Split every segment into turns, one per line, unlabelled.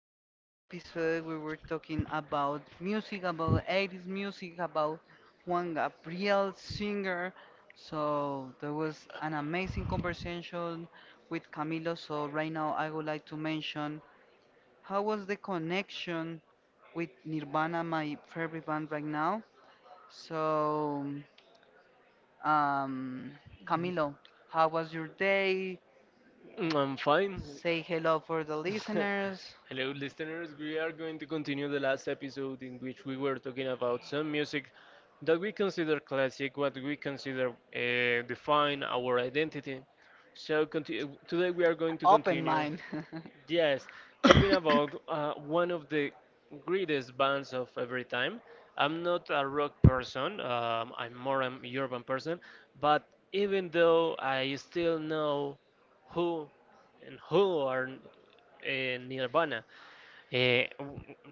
last episode we were talking about music, about 80s music, about Juan Gabriel singer. So there was an amazing conversation with Camilo. So right now I would like to mention how was the connection with Nirvana, my favorite band right now. So um, Camilo, how was your day?
Mm, I'm fine.
Say hello for the listeners.
Hello, listeners. We are going to continue the last episode in which we were talking about some music that we consider classic, what we consider define our identity. So today we are going
Open mind.
yes, talking about one of the greatest bands of every time. I'm not a rock person. I'm more an urban person. But even though I still know who and who are Nirvana. uh,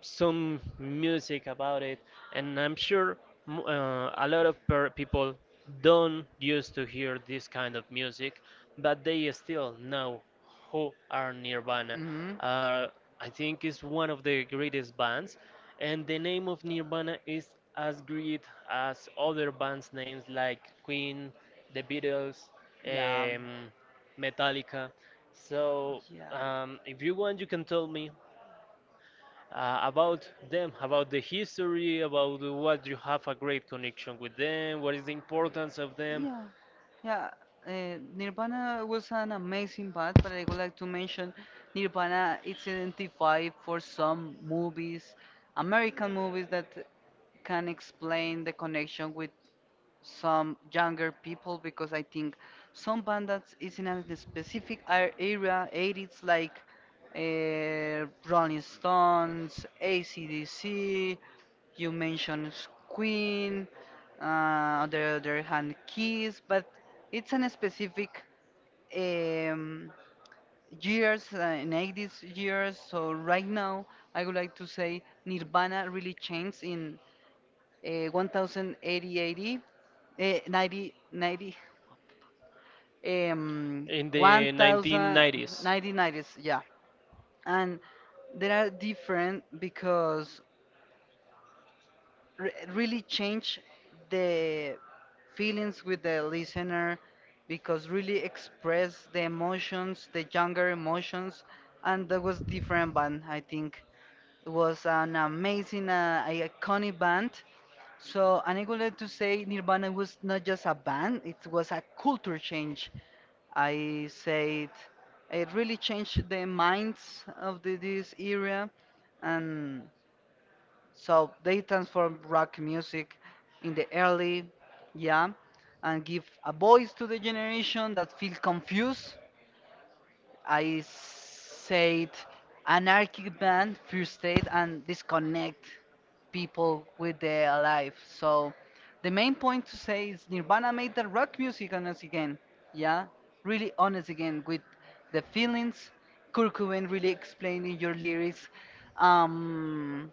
some music about it, and I'm sure a lot of per people don't used to hear this kind of music, but they still know who are Nirvana.
Hmm.
Uh, I think it's one of the greatest bands, and the name of Nirvana is as great as other bands' names like Queen, The Beatles,
Yeah.
um, Metallica. So, if you want, you can tell me about them, about the history, about what you have a great connection with them,
Yeah.
what is the importance of them.
Yeah, yeah. Nirvana was an amazing band, but I would like to mention Nirvana. It's identified for some movies, American movies that can explain the connection with some younger people because I think some band that is in a specific area, 80s like Rolling Stones, AC/DC, you mentioned Queen, uh, on the other hand Kiss, but it's an specific um, years, in 80s years, so right now I would like to say Nirvana really changed in uh, 1080 Eh, 90, 90,
And
um, 1000, 1990s, yeah. And they are different because re really change the feelings with the listener because really express the emotions, the younger emotions, and that was different band, I think. It was an amazing, iconic band. So, and I would like to say Nirvana was not just a band, it was a culture change. I said it really changed the minds of this era, and so they transformed rock music in the early, yeah, and give a voice to the generation that feel confused. I said anarchic band, first state, and disconnect people with their life. So the main point to say is Nirvana made the rock music honest again. Yeah, really honest again with the feelings. Kurt Cobain really explaining your lyrics, um,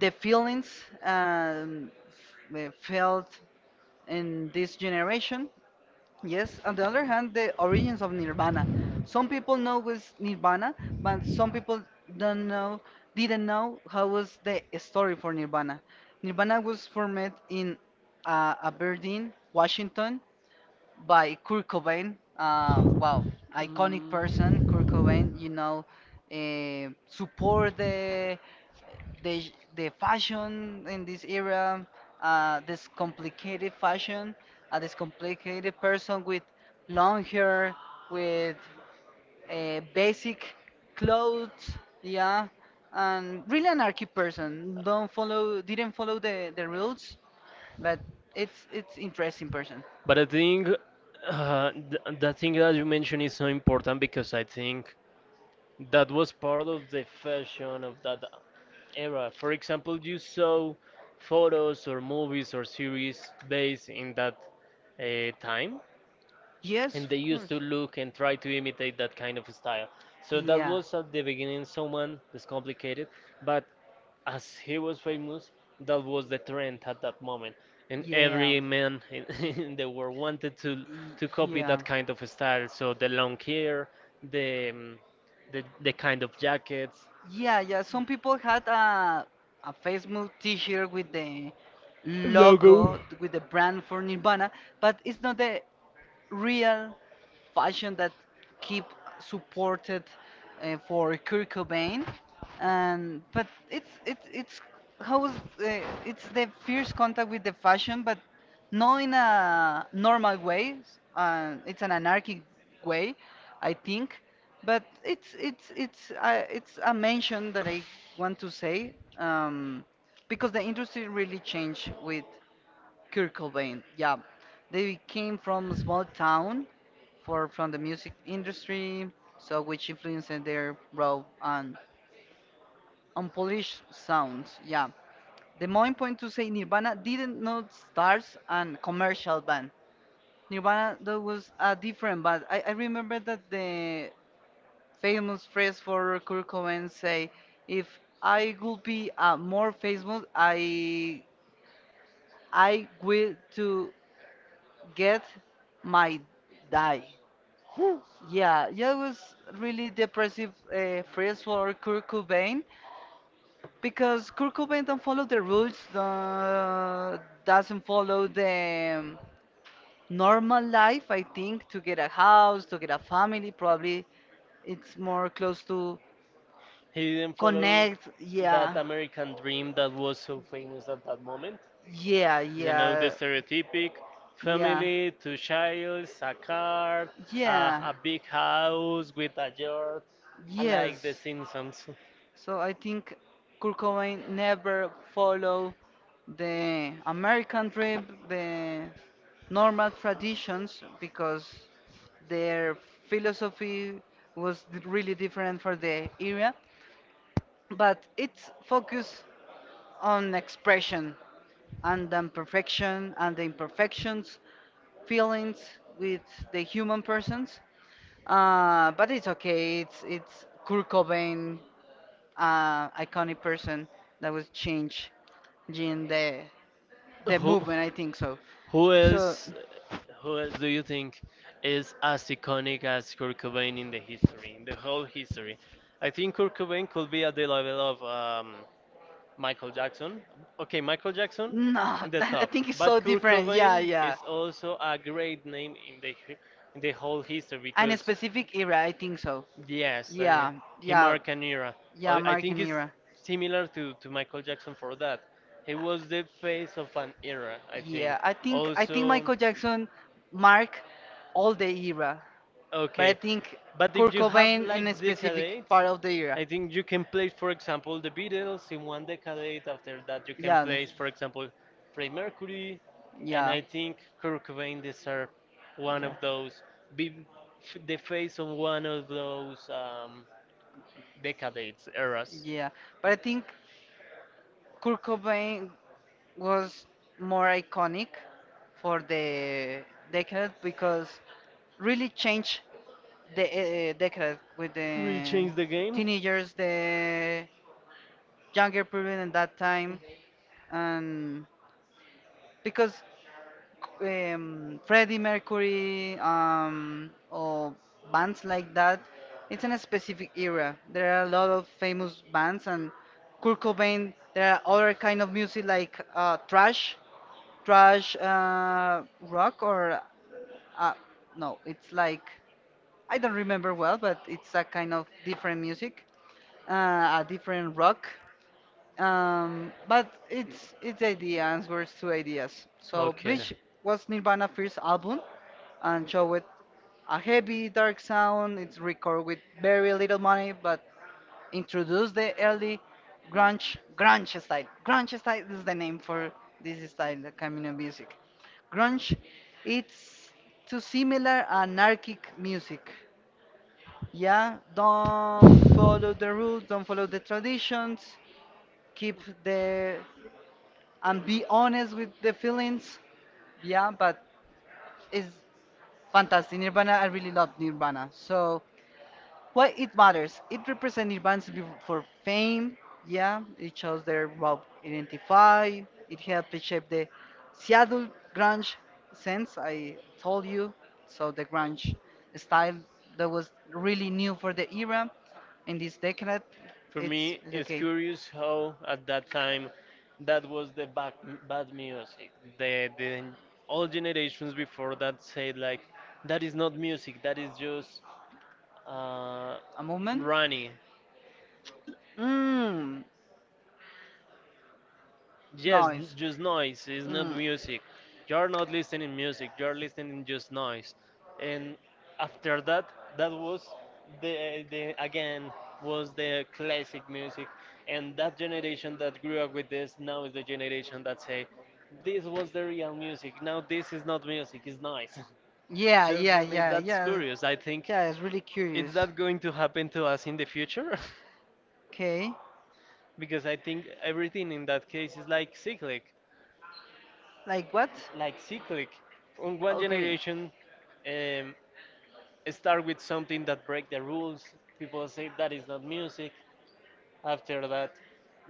the feelings um, felt in this generation. Yes, on the other hand, the origins of Nirvana. Some people know was Nirvana, but some people don't know, didn't know how was the story for Nirvana. Nirvana was formed in Aberdeen, Washington, by Kurt Cobain. Wow, iconic person, Kurt Cobain. Support the fashion in this era, this complicated fashion, this complicated person with long hair, with basic clothes, yeah, and really anarchy person. Don't follow, Didn't follow the rules, but it's interesting person.
but I think the thing that you mentioned is so important because I think that was part of the fashion of that era. For example, you saw photos or movies or series based in that time.
Yes,
They
of
used
course.
to look and try to imitate that kind of style. So that
Yeah.
was at the beginning someone that's complicated, but as he was famous, that was the trend at that moment, and
Yeah.
every man in, in the world wanted to
Y-
copy
Yeah.
that kind of style. So the long hair, the the kind of jackets.
Yeah, yeah. Some people had a Facebook T-shirt with the
Go.
logo, with the brand for Nirvana, but it's not the real passion that keep supported for Kurt Cobain, and but it's how is it's the first contact with the fashion, but not in a normal way. It's an anarchic way, I think. But it's a mention that I want to say, because the industry really changed with Kurt Cobain. Yeah, they came from a small town, for from the music industry, so which influenced their raw and unpolished sounds. Yeah, the main point to say Nirvana didn't not start an commercial band. Nirvana that was a different band. I remember that the famous phrase for Kurt Cobain say, "If I would be more famous, I will to Get My Die." Yeah, yeah, it was really depressive phrase for Kurt Cobain because Kurt Cobain don't follow the rules, doesn't follow the normal life. I think to get a house, to get a family, probably it's more close to
He didn't
connect.
fit
Yeah,
American dream that was so famous at that moment.
yeah, yeah,
Stereotypic
yeah,
family, two childs, a car,
yeah,
a big house with a yard.
yes.
Simpsons.
So I think Kurt Cobain never follow the American dream, the normal traditions, because their philosophy was really different for the era, but its focus on expression and the imperfection and the imperfections, feelings with the human persons. But it's okay. It's Kurt Cobain, iconic person that was changed in the movement. I think so.
Who
So
who else do you think is as iconic as Kurt Cobain in the history, in the whole history? I think Kurt Cobain could be at the level of Michael Jackson. Okay, Michael Jackson
no, that, I think it's so different. Yeah,
is
yeah.
also a great name in the in the whole history.
And a specific era. I think so.
Yes,
Yeah, yeah,
marked an era,
yeah.
uh,
American era.
similar to Michael Jackson for that. He was the face of an era. I,
Yeah, I think Michael Jackson marked all the era, but I
okay,
think
but
Kurt Cobain in a specific part of the era.
think you can place, for example, the Beatles in one decade. After that, you
Yeah,
place, for example, Freddie Mercury,
yeah,
think Kurt Cobain is are one of
yeah,
those, be the face of one of those decades, eras.
yeah. But I think Kurt Cobain was more iconic for the decade because really changed the decade with the
Changed the game.
teenagers, the younger people in that time, and because Freddie Mercury or bands like that, it's in a specific era. There are a lot of famous bands, and Kurt Cobain. There are other kind of music like trash, rock, or uh, no, it's like I don't remember well, but it's a kind of different music. A different rock. But it's idea and words to ideas. So Bleach was Nirvana first album and showed a heavy dark sound. It's recorded with very little money, but introduced the early grunge style. Grunge style is the name for this style, the kind of music. Grunge, it's too similar anarchic music, yeah, don't follow the rules, don't follow the traditions, keep the and be honest with the feelings. Yeah, but it's fantastic. Nirvana, I really love Nirvana. So why it matters. It represents advances for fame. Yeah, it shows their well identify. It helped shape the Seattle grunge sense I told you. So the grunge style that was really new for the era in this decade.
For
It's,
me,
it's
it's
okay.
curious how at that time that was the bad music. The all generations before that said like, that is not music, that is just uh,
A movement.
runny.
Mmm,
Yes,
noise.
just noise. It's not
Mm.
music. You're not listening music. You're listening just noise. And after that, that was the again was the classic music. And that generation that grew up with this now is the generation that say, this was the real music. Now this is not music. It's noise.
Yeah, yeah, yeah, yeah.
Curious. I think
Yeah, it's really
is
curious.
that going to happen to us in the future?
Okay.
Because I think everything in that case is like
Like what?
like cyclic. From one
Okay.
generation, um, start with something that break the rules. People say that is not music. After that,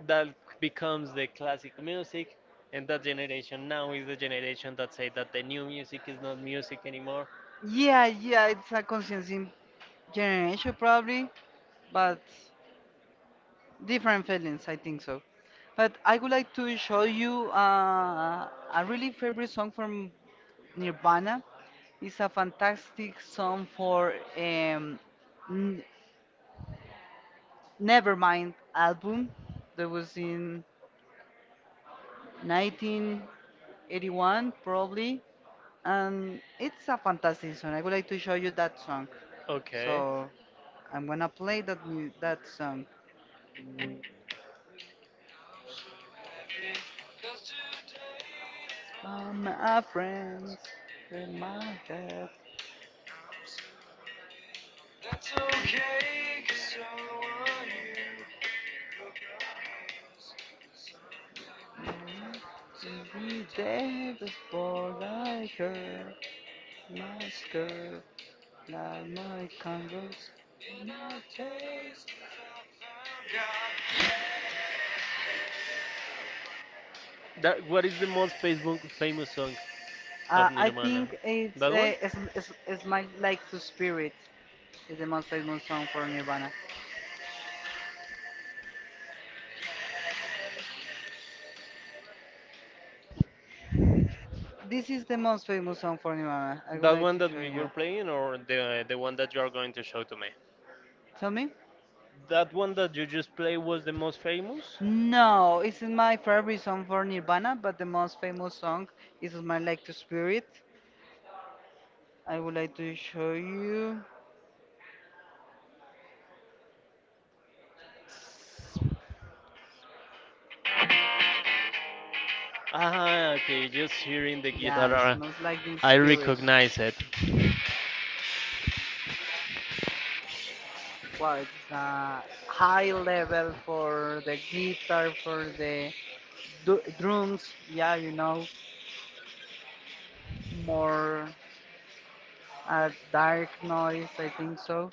that becomes the classic music, and that generation now is the generation that say that the new music is not music anymore.
Yeah, yeah, it's a conscience in generation probably, but different feelings, I think so. But I would like to show you a really favorite song from Nirvana. It's a fantastic song for N- Nevermind album that was in 1981 probably. And it's a fantastic song. I would like to show you that song.
Okay,
So I'm gonna play that song. All my friends in my head. Every day before I hurt my skirt. Like my canvas, my taste.
that what is the most Facebook famous song?
I think it's my like to spirit is the most famous song for Nirvana. This is the most famous song for Nirvana. I would
That
like
one
to
that
show
we were
you.
playing, or the one that you are going to show to me?
Tell me.
That one that you just played was the most famous?
No, it's my favorite song for Nirvana, but the most famous song is my like to spirit. I would like to show you.
Ah,
Ah,
okay,
okay.
just hearing the
Yes,
guitar,
most like the
I
spirit.
recognize it.
Quite high level for the guitar, for the drums. Yeah, more dark noise. I think so.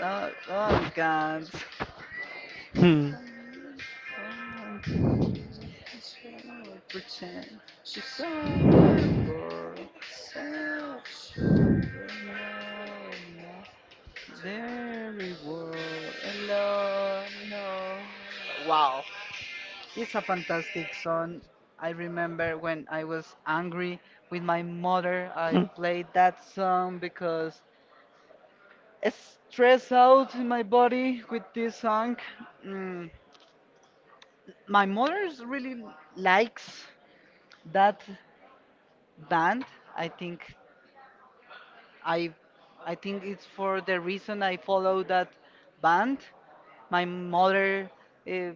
Oh God.
Hmm.
Pretend she's a barber. There we were alone. No. Wow. It's a fantastic song. I remember when I was angry with my mother, I played that song because it stress out in my body with this song. Mm. My mother really likes that band. I think I I think it's for the reason I follow that band. My mother uh,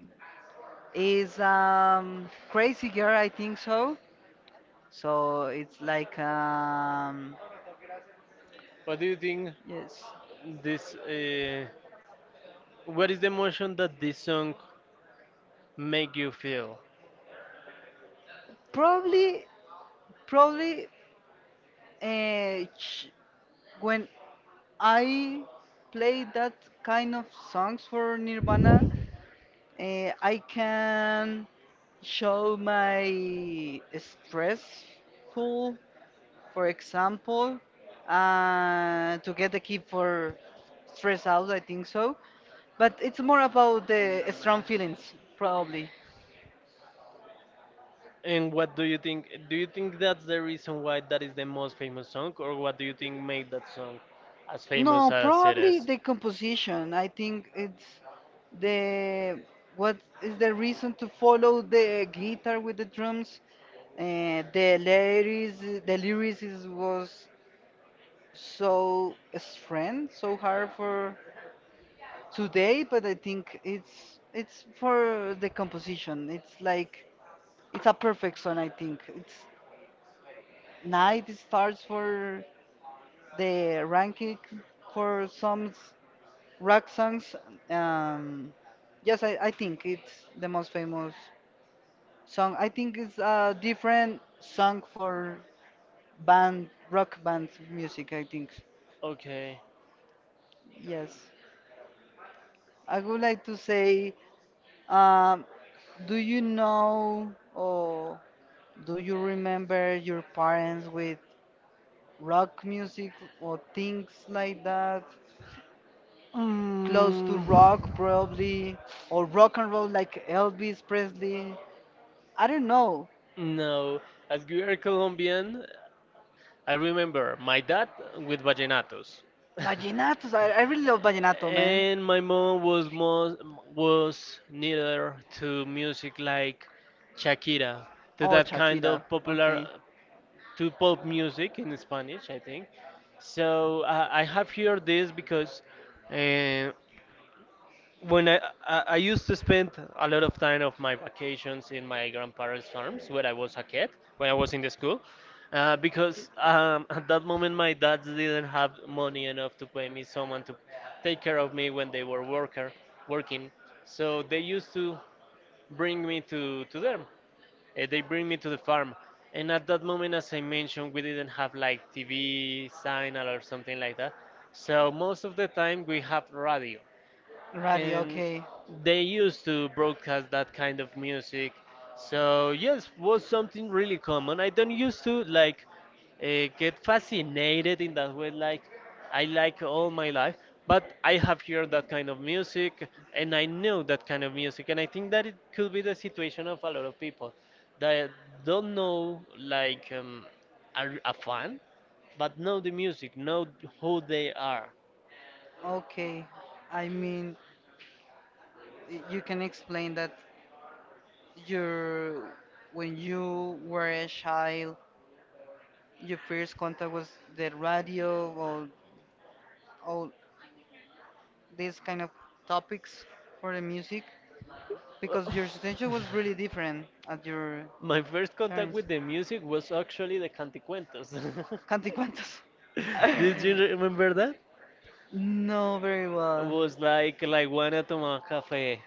is crazy girl, I think so. So it's like,
What do you think?
yes.
This, what is the emotion that this song make you feel?
Probably, probably, uh, ch- when I play that kind of songs for Nirvana, I can show my stressful, for example, to get the key for stress out, I think so. But it's more about the strong feelings, probably.
And what do you think? Do you think that's the reason why that is the most famous song, or what do you think made that song as famous?
No, probably the composition. I think it's the what is the reason to follow the guitar with the drums? Uh, the lyrics, the lyrics was so strange, so hard for today. But I think it's for the composition. It's like it's a perfect song. I think it's night. It starts for the ranking for songs rock songs, um yes. I think it's the most famous song. I think it's a different song for band rock band music, I think.
Okay.
Yes, I would like to say, um do you know or do you remember your parents with rock music or things like that,
Mm,
close to rock probably, or rock and roll like Elvis Presley, I don't know.
no, as we are Colombian, I remember my dad with vallenatos,
Vallenatos. I really love vallenato, man.
and my mom was most was neither to music like Shakira, to
Oh,
that kind
Shakira.
of popular
Okay.
to pop music in Spanish, I think. So I have heard this because uh, when I, I used to spend a lot of time of my vacations in my grandparents' farms when I was a kid, when I was in the school, because at that moment my dads didn't have money enough to pay me someone to take care of me when they were worker working. So they used to bring me to them they bring me to the farm. And at that moment, as I mentioned, we didn't have like TV signal or something like that. So most of the time we have radio
Rally.
and
Okay.
they used to broadcast that kind of music. So yes, was something really common. I don't used to like get fascinated in that way. Like I like all my life, but I have heard that kind of music, and I know that kind of music, and I think that it could be the situation of a lot of people that don't know like are a fan, but know the music, know who they are.
Okay. I mean, you can explain that your when you were a child, your first contact was the radio or all these kind of topics for the music because your situation was really different at your
My first contact
parents.
with the music was actually the Canticuentos.
Canticuentos.
Did you remember that?
No, very well.
Was like La Iguana Toma Café.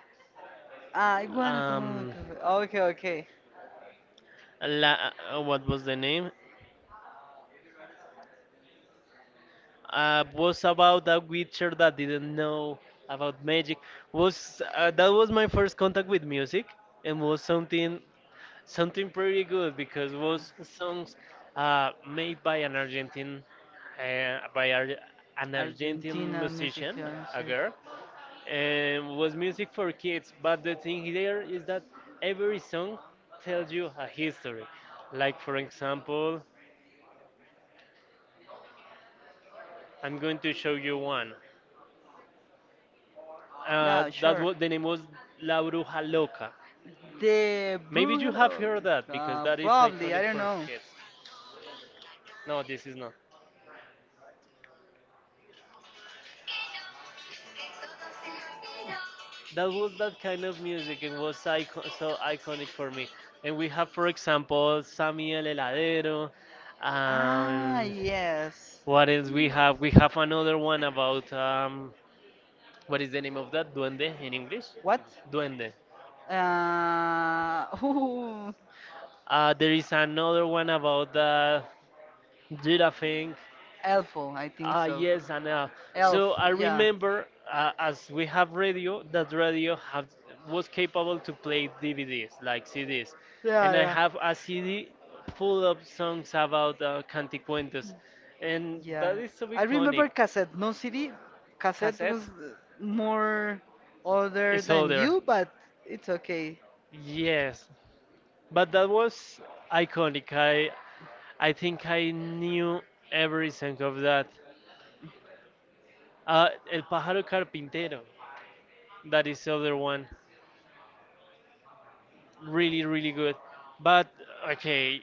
Ah, iguana tomando
Um,
café. Ah, okay, okay.
what was the name? Was about a witcher that didn't know about magic. Was That was my first contact with music, and was something something pretty good because was songs made by an Argentine by Ar- an Argentine
Argentina music, you
musician,
know,
a girl, and was music for kids. But the thing there is that every song tells you a history. Like for example, I'm going to show you one.
yeah, what
That
sure.
was the name was La Bruja Loca.
Of Laura? The
Maybe you have
Brugello,
heard that because that
probably, I don't know.
kids. No, this is not. That was that kind of music and was so iconic for me. And we have, for example, Sammy El Heladero.
Ah,
Um,
yes.
what else we have? We have another one about what is the name of that? Duende in English?
What?
Duende.
Uh, Ooh,
There is another one about the giraffe. Thing.
Elfo, I think
Ah,
so.
yes, and
Elf,
so I
yeah.
remember as we have radio, that radio have, was capable to play DVDs like CDs.
Yeah, yeah.
Have a CD full of songs about Canticuentos, and
Yeah,
that is so.
I remember cassette. No CD, cassette was more older than you, but it's okay.
Yes, but that was iconic. I think I knew every song of that. El Pájaro Carpintero. That is the other one. Really, really good. But okay,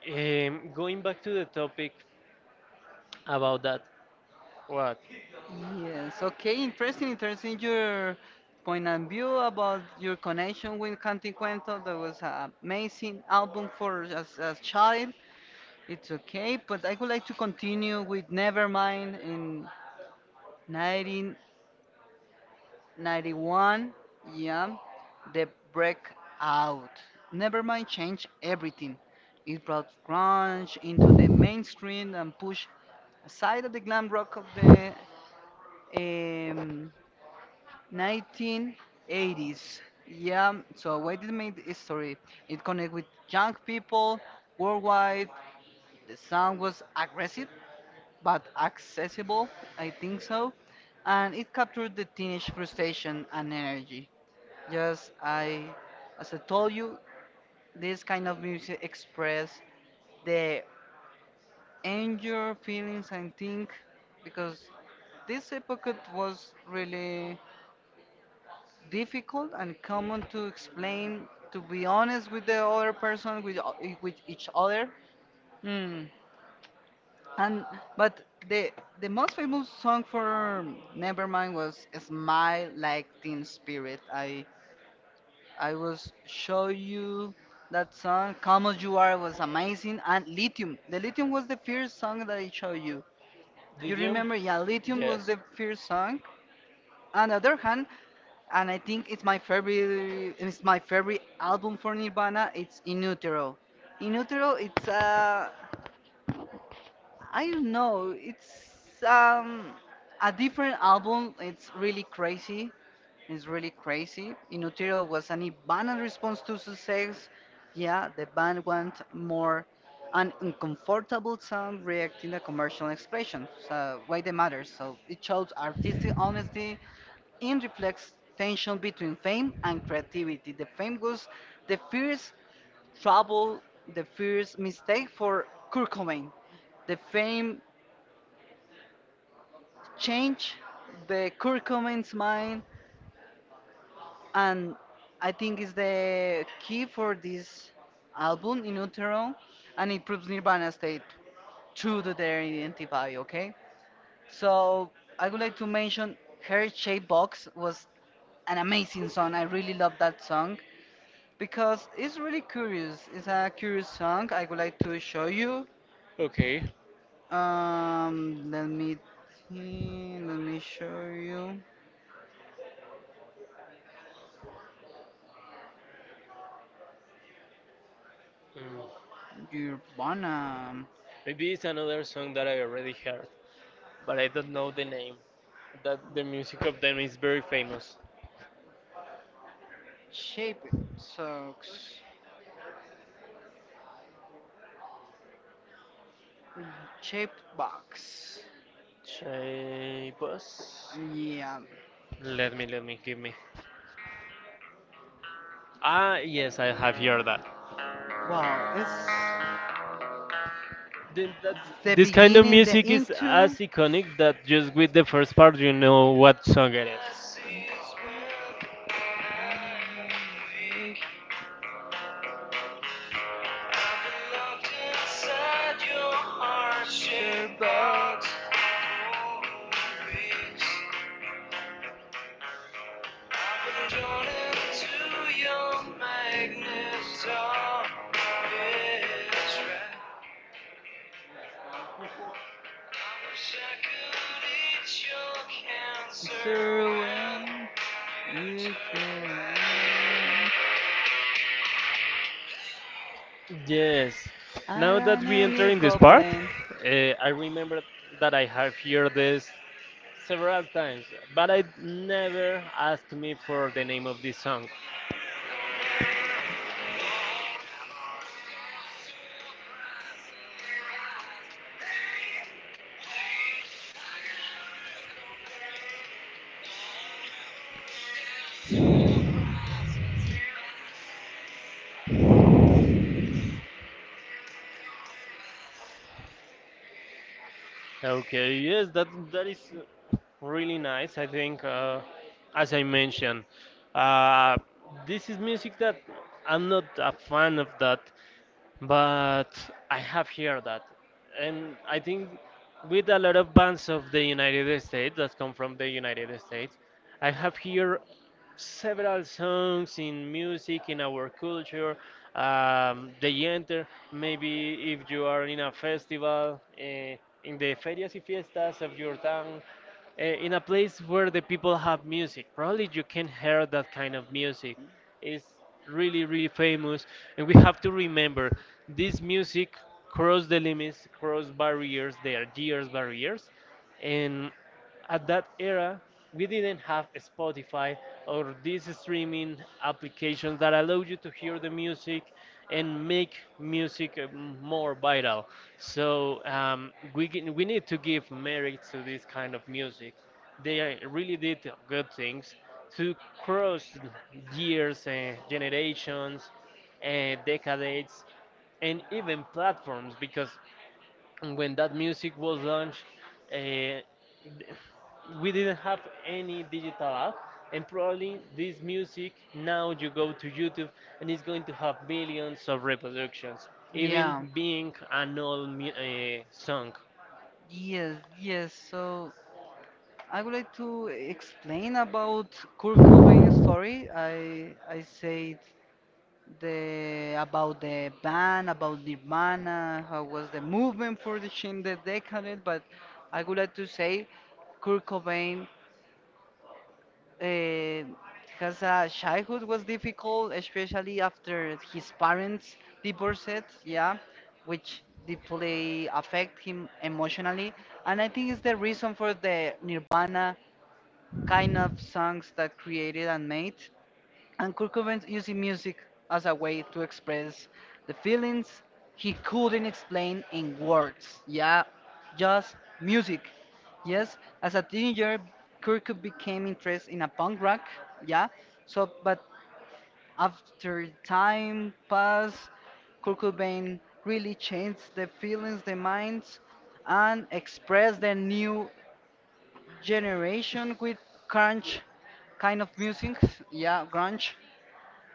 going back to the topic about that. What?
Yes, okay, interesting your point of view about your connection with Canticuento. That was an amazing album for as a child. It's okay, but I would like to continue with Nevermind in 1991. Yeah, the breakout. Nevermind changed everything. It brought grunge into the mainstream and pushed aside of the glam rock of the um, 1980s. Yeah, so why did it make history? It connect with young people worldwide. The sound was aggressive but accessible, I think so. And it captured the teenage frustration and energy. Just I as I told you, this kind of music express the anger feelings, I think, because this epoch was really difficult and common to explain, to be honest, with the other person, with with each other. Mm. and but the the most famous song for Nevermind was smile like Teen Spirit". I i was show you that song. "Come As You Are" was amazing, and Lithium. The Lithium was the first song that I showed you. You remember? Yeah, Lithium was the first song. On the other hand, and I think it's my favorite, it's my favorite album for Nirvana. It's In Utero. In Utero, it's a, I don't know, it's a different album. It's really crazy. It's really crazy. Inutero was an abandoned response to success. Yeah, the band want more, an uncomfortable sound reacting to commercial expression. So why they matter? So it shows artistic honesty, in reflects tension between fame and creativity. The fame was the first trouble, the first mistake for Kurt Cobain. The fame changed the Kurt Cobain's mind, and I think is the key for this album, In Utero, and it proves Nirvana stayed true to their identity. Okay, so I would like to mention "Her Shape Box" was an amazing song. I really love that song because it's really curious. It's a curious song. I would like to show you.
Okay.
Let me think, let me show you.
Mm.
Your bonum.
Maybe it's another song that I already heard, but I don't know the name. That the music of them is very famous.
Shape socks. Shaped box.
Chay Bus?
Yeah.
Give me. Ah, yes, I have heard that.
Wow, it's
Then that
the
this kind of
beginning, the
music is as
into.
iconic that just with the first part you know what song it is.
Your box. Through when you too long.
Yes.
I
Now that
ran
we
a
enter
new
in this part,
complaint.
uh, I remember that I have heard this several times, but I never asked me for the name of this song. Okay, yes, that that is really nice. I think, as I mentioned, uh, this is music that I'm not a fan of that, but I have heard that, and I think with a lot of bands of the United States that come from the United States, I have heard several songs in music in our culture. They enter maybe if you are in a festival, in the ferias y fiestas of your town, in a place where the people have music. Probably you can hear that kind of music. Is really, really famous. And we have to remember this music crossed the limits, crossed barriers, their years barriers. And at that era we didn't have Spotify or these streaming applications that allow you to hear the music and make music more viral so we need to give merit to this kind of music they really did good things to cross years and generations and decades and even platforms because and when that music was launched, uh, we didn't have any digital app. And probably this music now you go to YouTube and it's going to have millions of reproductions, even
Yeah.
being an old song.
Yes, yes. So I would like to explain about Kurt Cobain's story. I said the about the band, about Nirvana, how was the movement for the change the decade, but I would like to say Kurt Cobain. Uh, his childhood was difficult, especially after his parents divorced, yeah, which deeply affect him emotionally. And I think it's the reason for the Nirvana kind of songs that created and made, and Kurt Cobain using music as a way to express the feelings he couldn't explain in words. Yeah, just music. Yes, as a teenager, Kurt Cobain became interested in a punk rock. Yeah, so, but after time passed, Kurt Cobain really changed the feelings, the minds, and expressed the new generation with grunge kind of music. Yeah, grunge,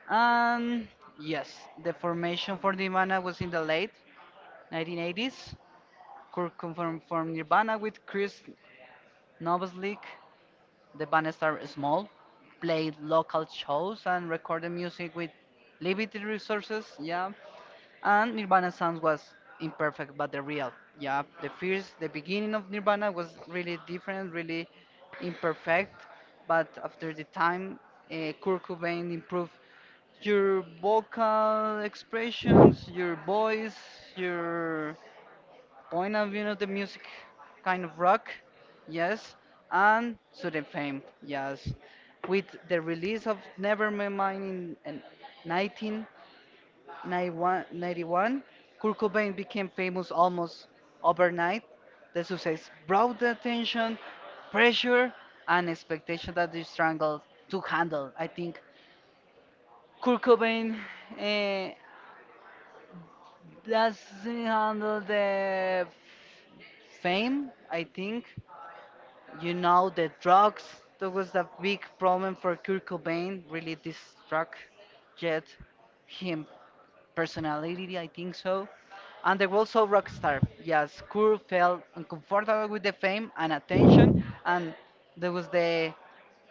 and yes, the formation for Nirvana was in the late 1980s. Kurt confirmed from Nirvana with Chris Novoselic. The band started small, played local shows, and recorded music with limited resources. Yeah, and Nirvana sounds was imperfect, but the real. Yeah, the first, the beginning of Nirvana was really different, really imperfect. But after the time, Kurt Cobain improved your vocal expressions, your voice, your point of view of the music, kind of rock, yes, and sudden fame, yes. With the release of Nevermind in 19. 1991, Kurt Cobain became famous almost overnight. The success brought the attention, pressure, and expectation that they struggled to handle. I think Kurt Cobain eh, doesn't handle the fame, I think. You know, the drugs, that was a big problem for Kurt Cobain. Really this drug jet him personality, I think so. And they were also rock star. Yes, Kurt felt uncomfortable with the fame and attention, and there was the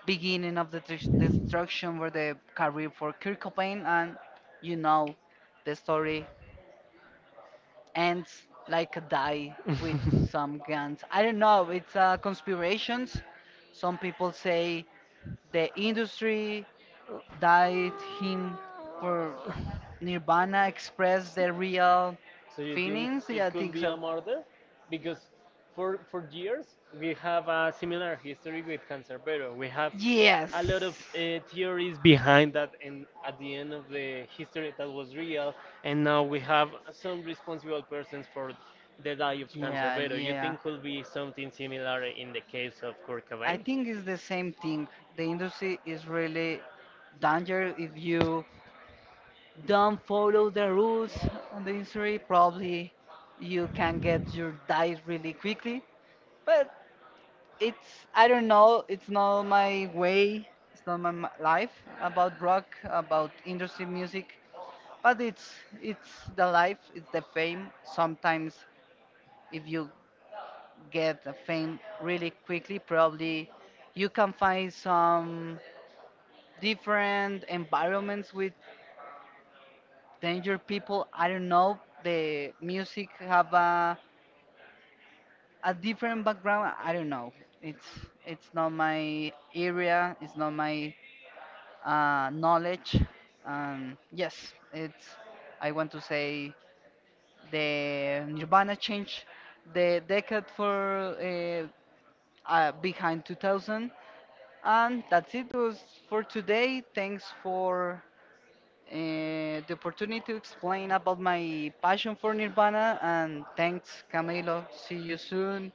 beginning of the destruction for the career for Kurt Cobain, and you know, the story ends like a die with some guns. I don't know. It's conspirations. Some people say the industry died him for Nirvana express their real
So you
feelings. Yeah, I think
be a
so.
murder because for years we have a similar history with Cancerbero. We have
Yes.
lot of theories behind that, and at the end of the history, that was real. And now we have some responsible persons for the die of cancer.
Yeah,
Better, you
yeah.
think could be something similar in the case of Kurt
I
Cobain?
think it's the same thing. The industry is really danger. If you don't follow the rules on the industry, probably you can get your dice really quickly. But it's, I don't know, it's not my way, it's not my life about rock, about industry music. But it's the life, it's the fame. Sometimes if you get the fame really quickly, probably you can find some different environments with Danger People. I don't know. The music have a different background. I don't know. It's not my area. It's not my knowledge. Yes, it's, I want to say the Nirvana changed the decade for behind 2000, and that's it was for today. Thanks for the opportunity to explain about my passion for Nirvana. And thanks, Camilo. See you soon.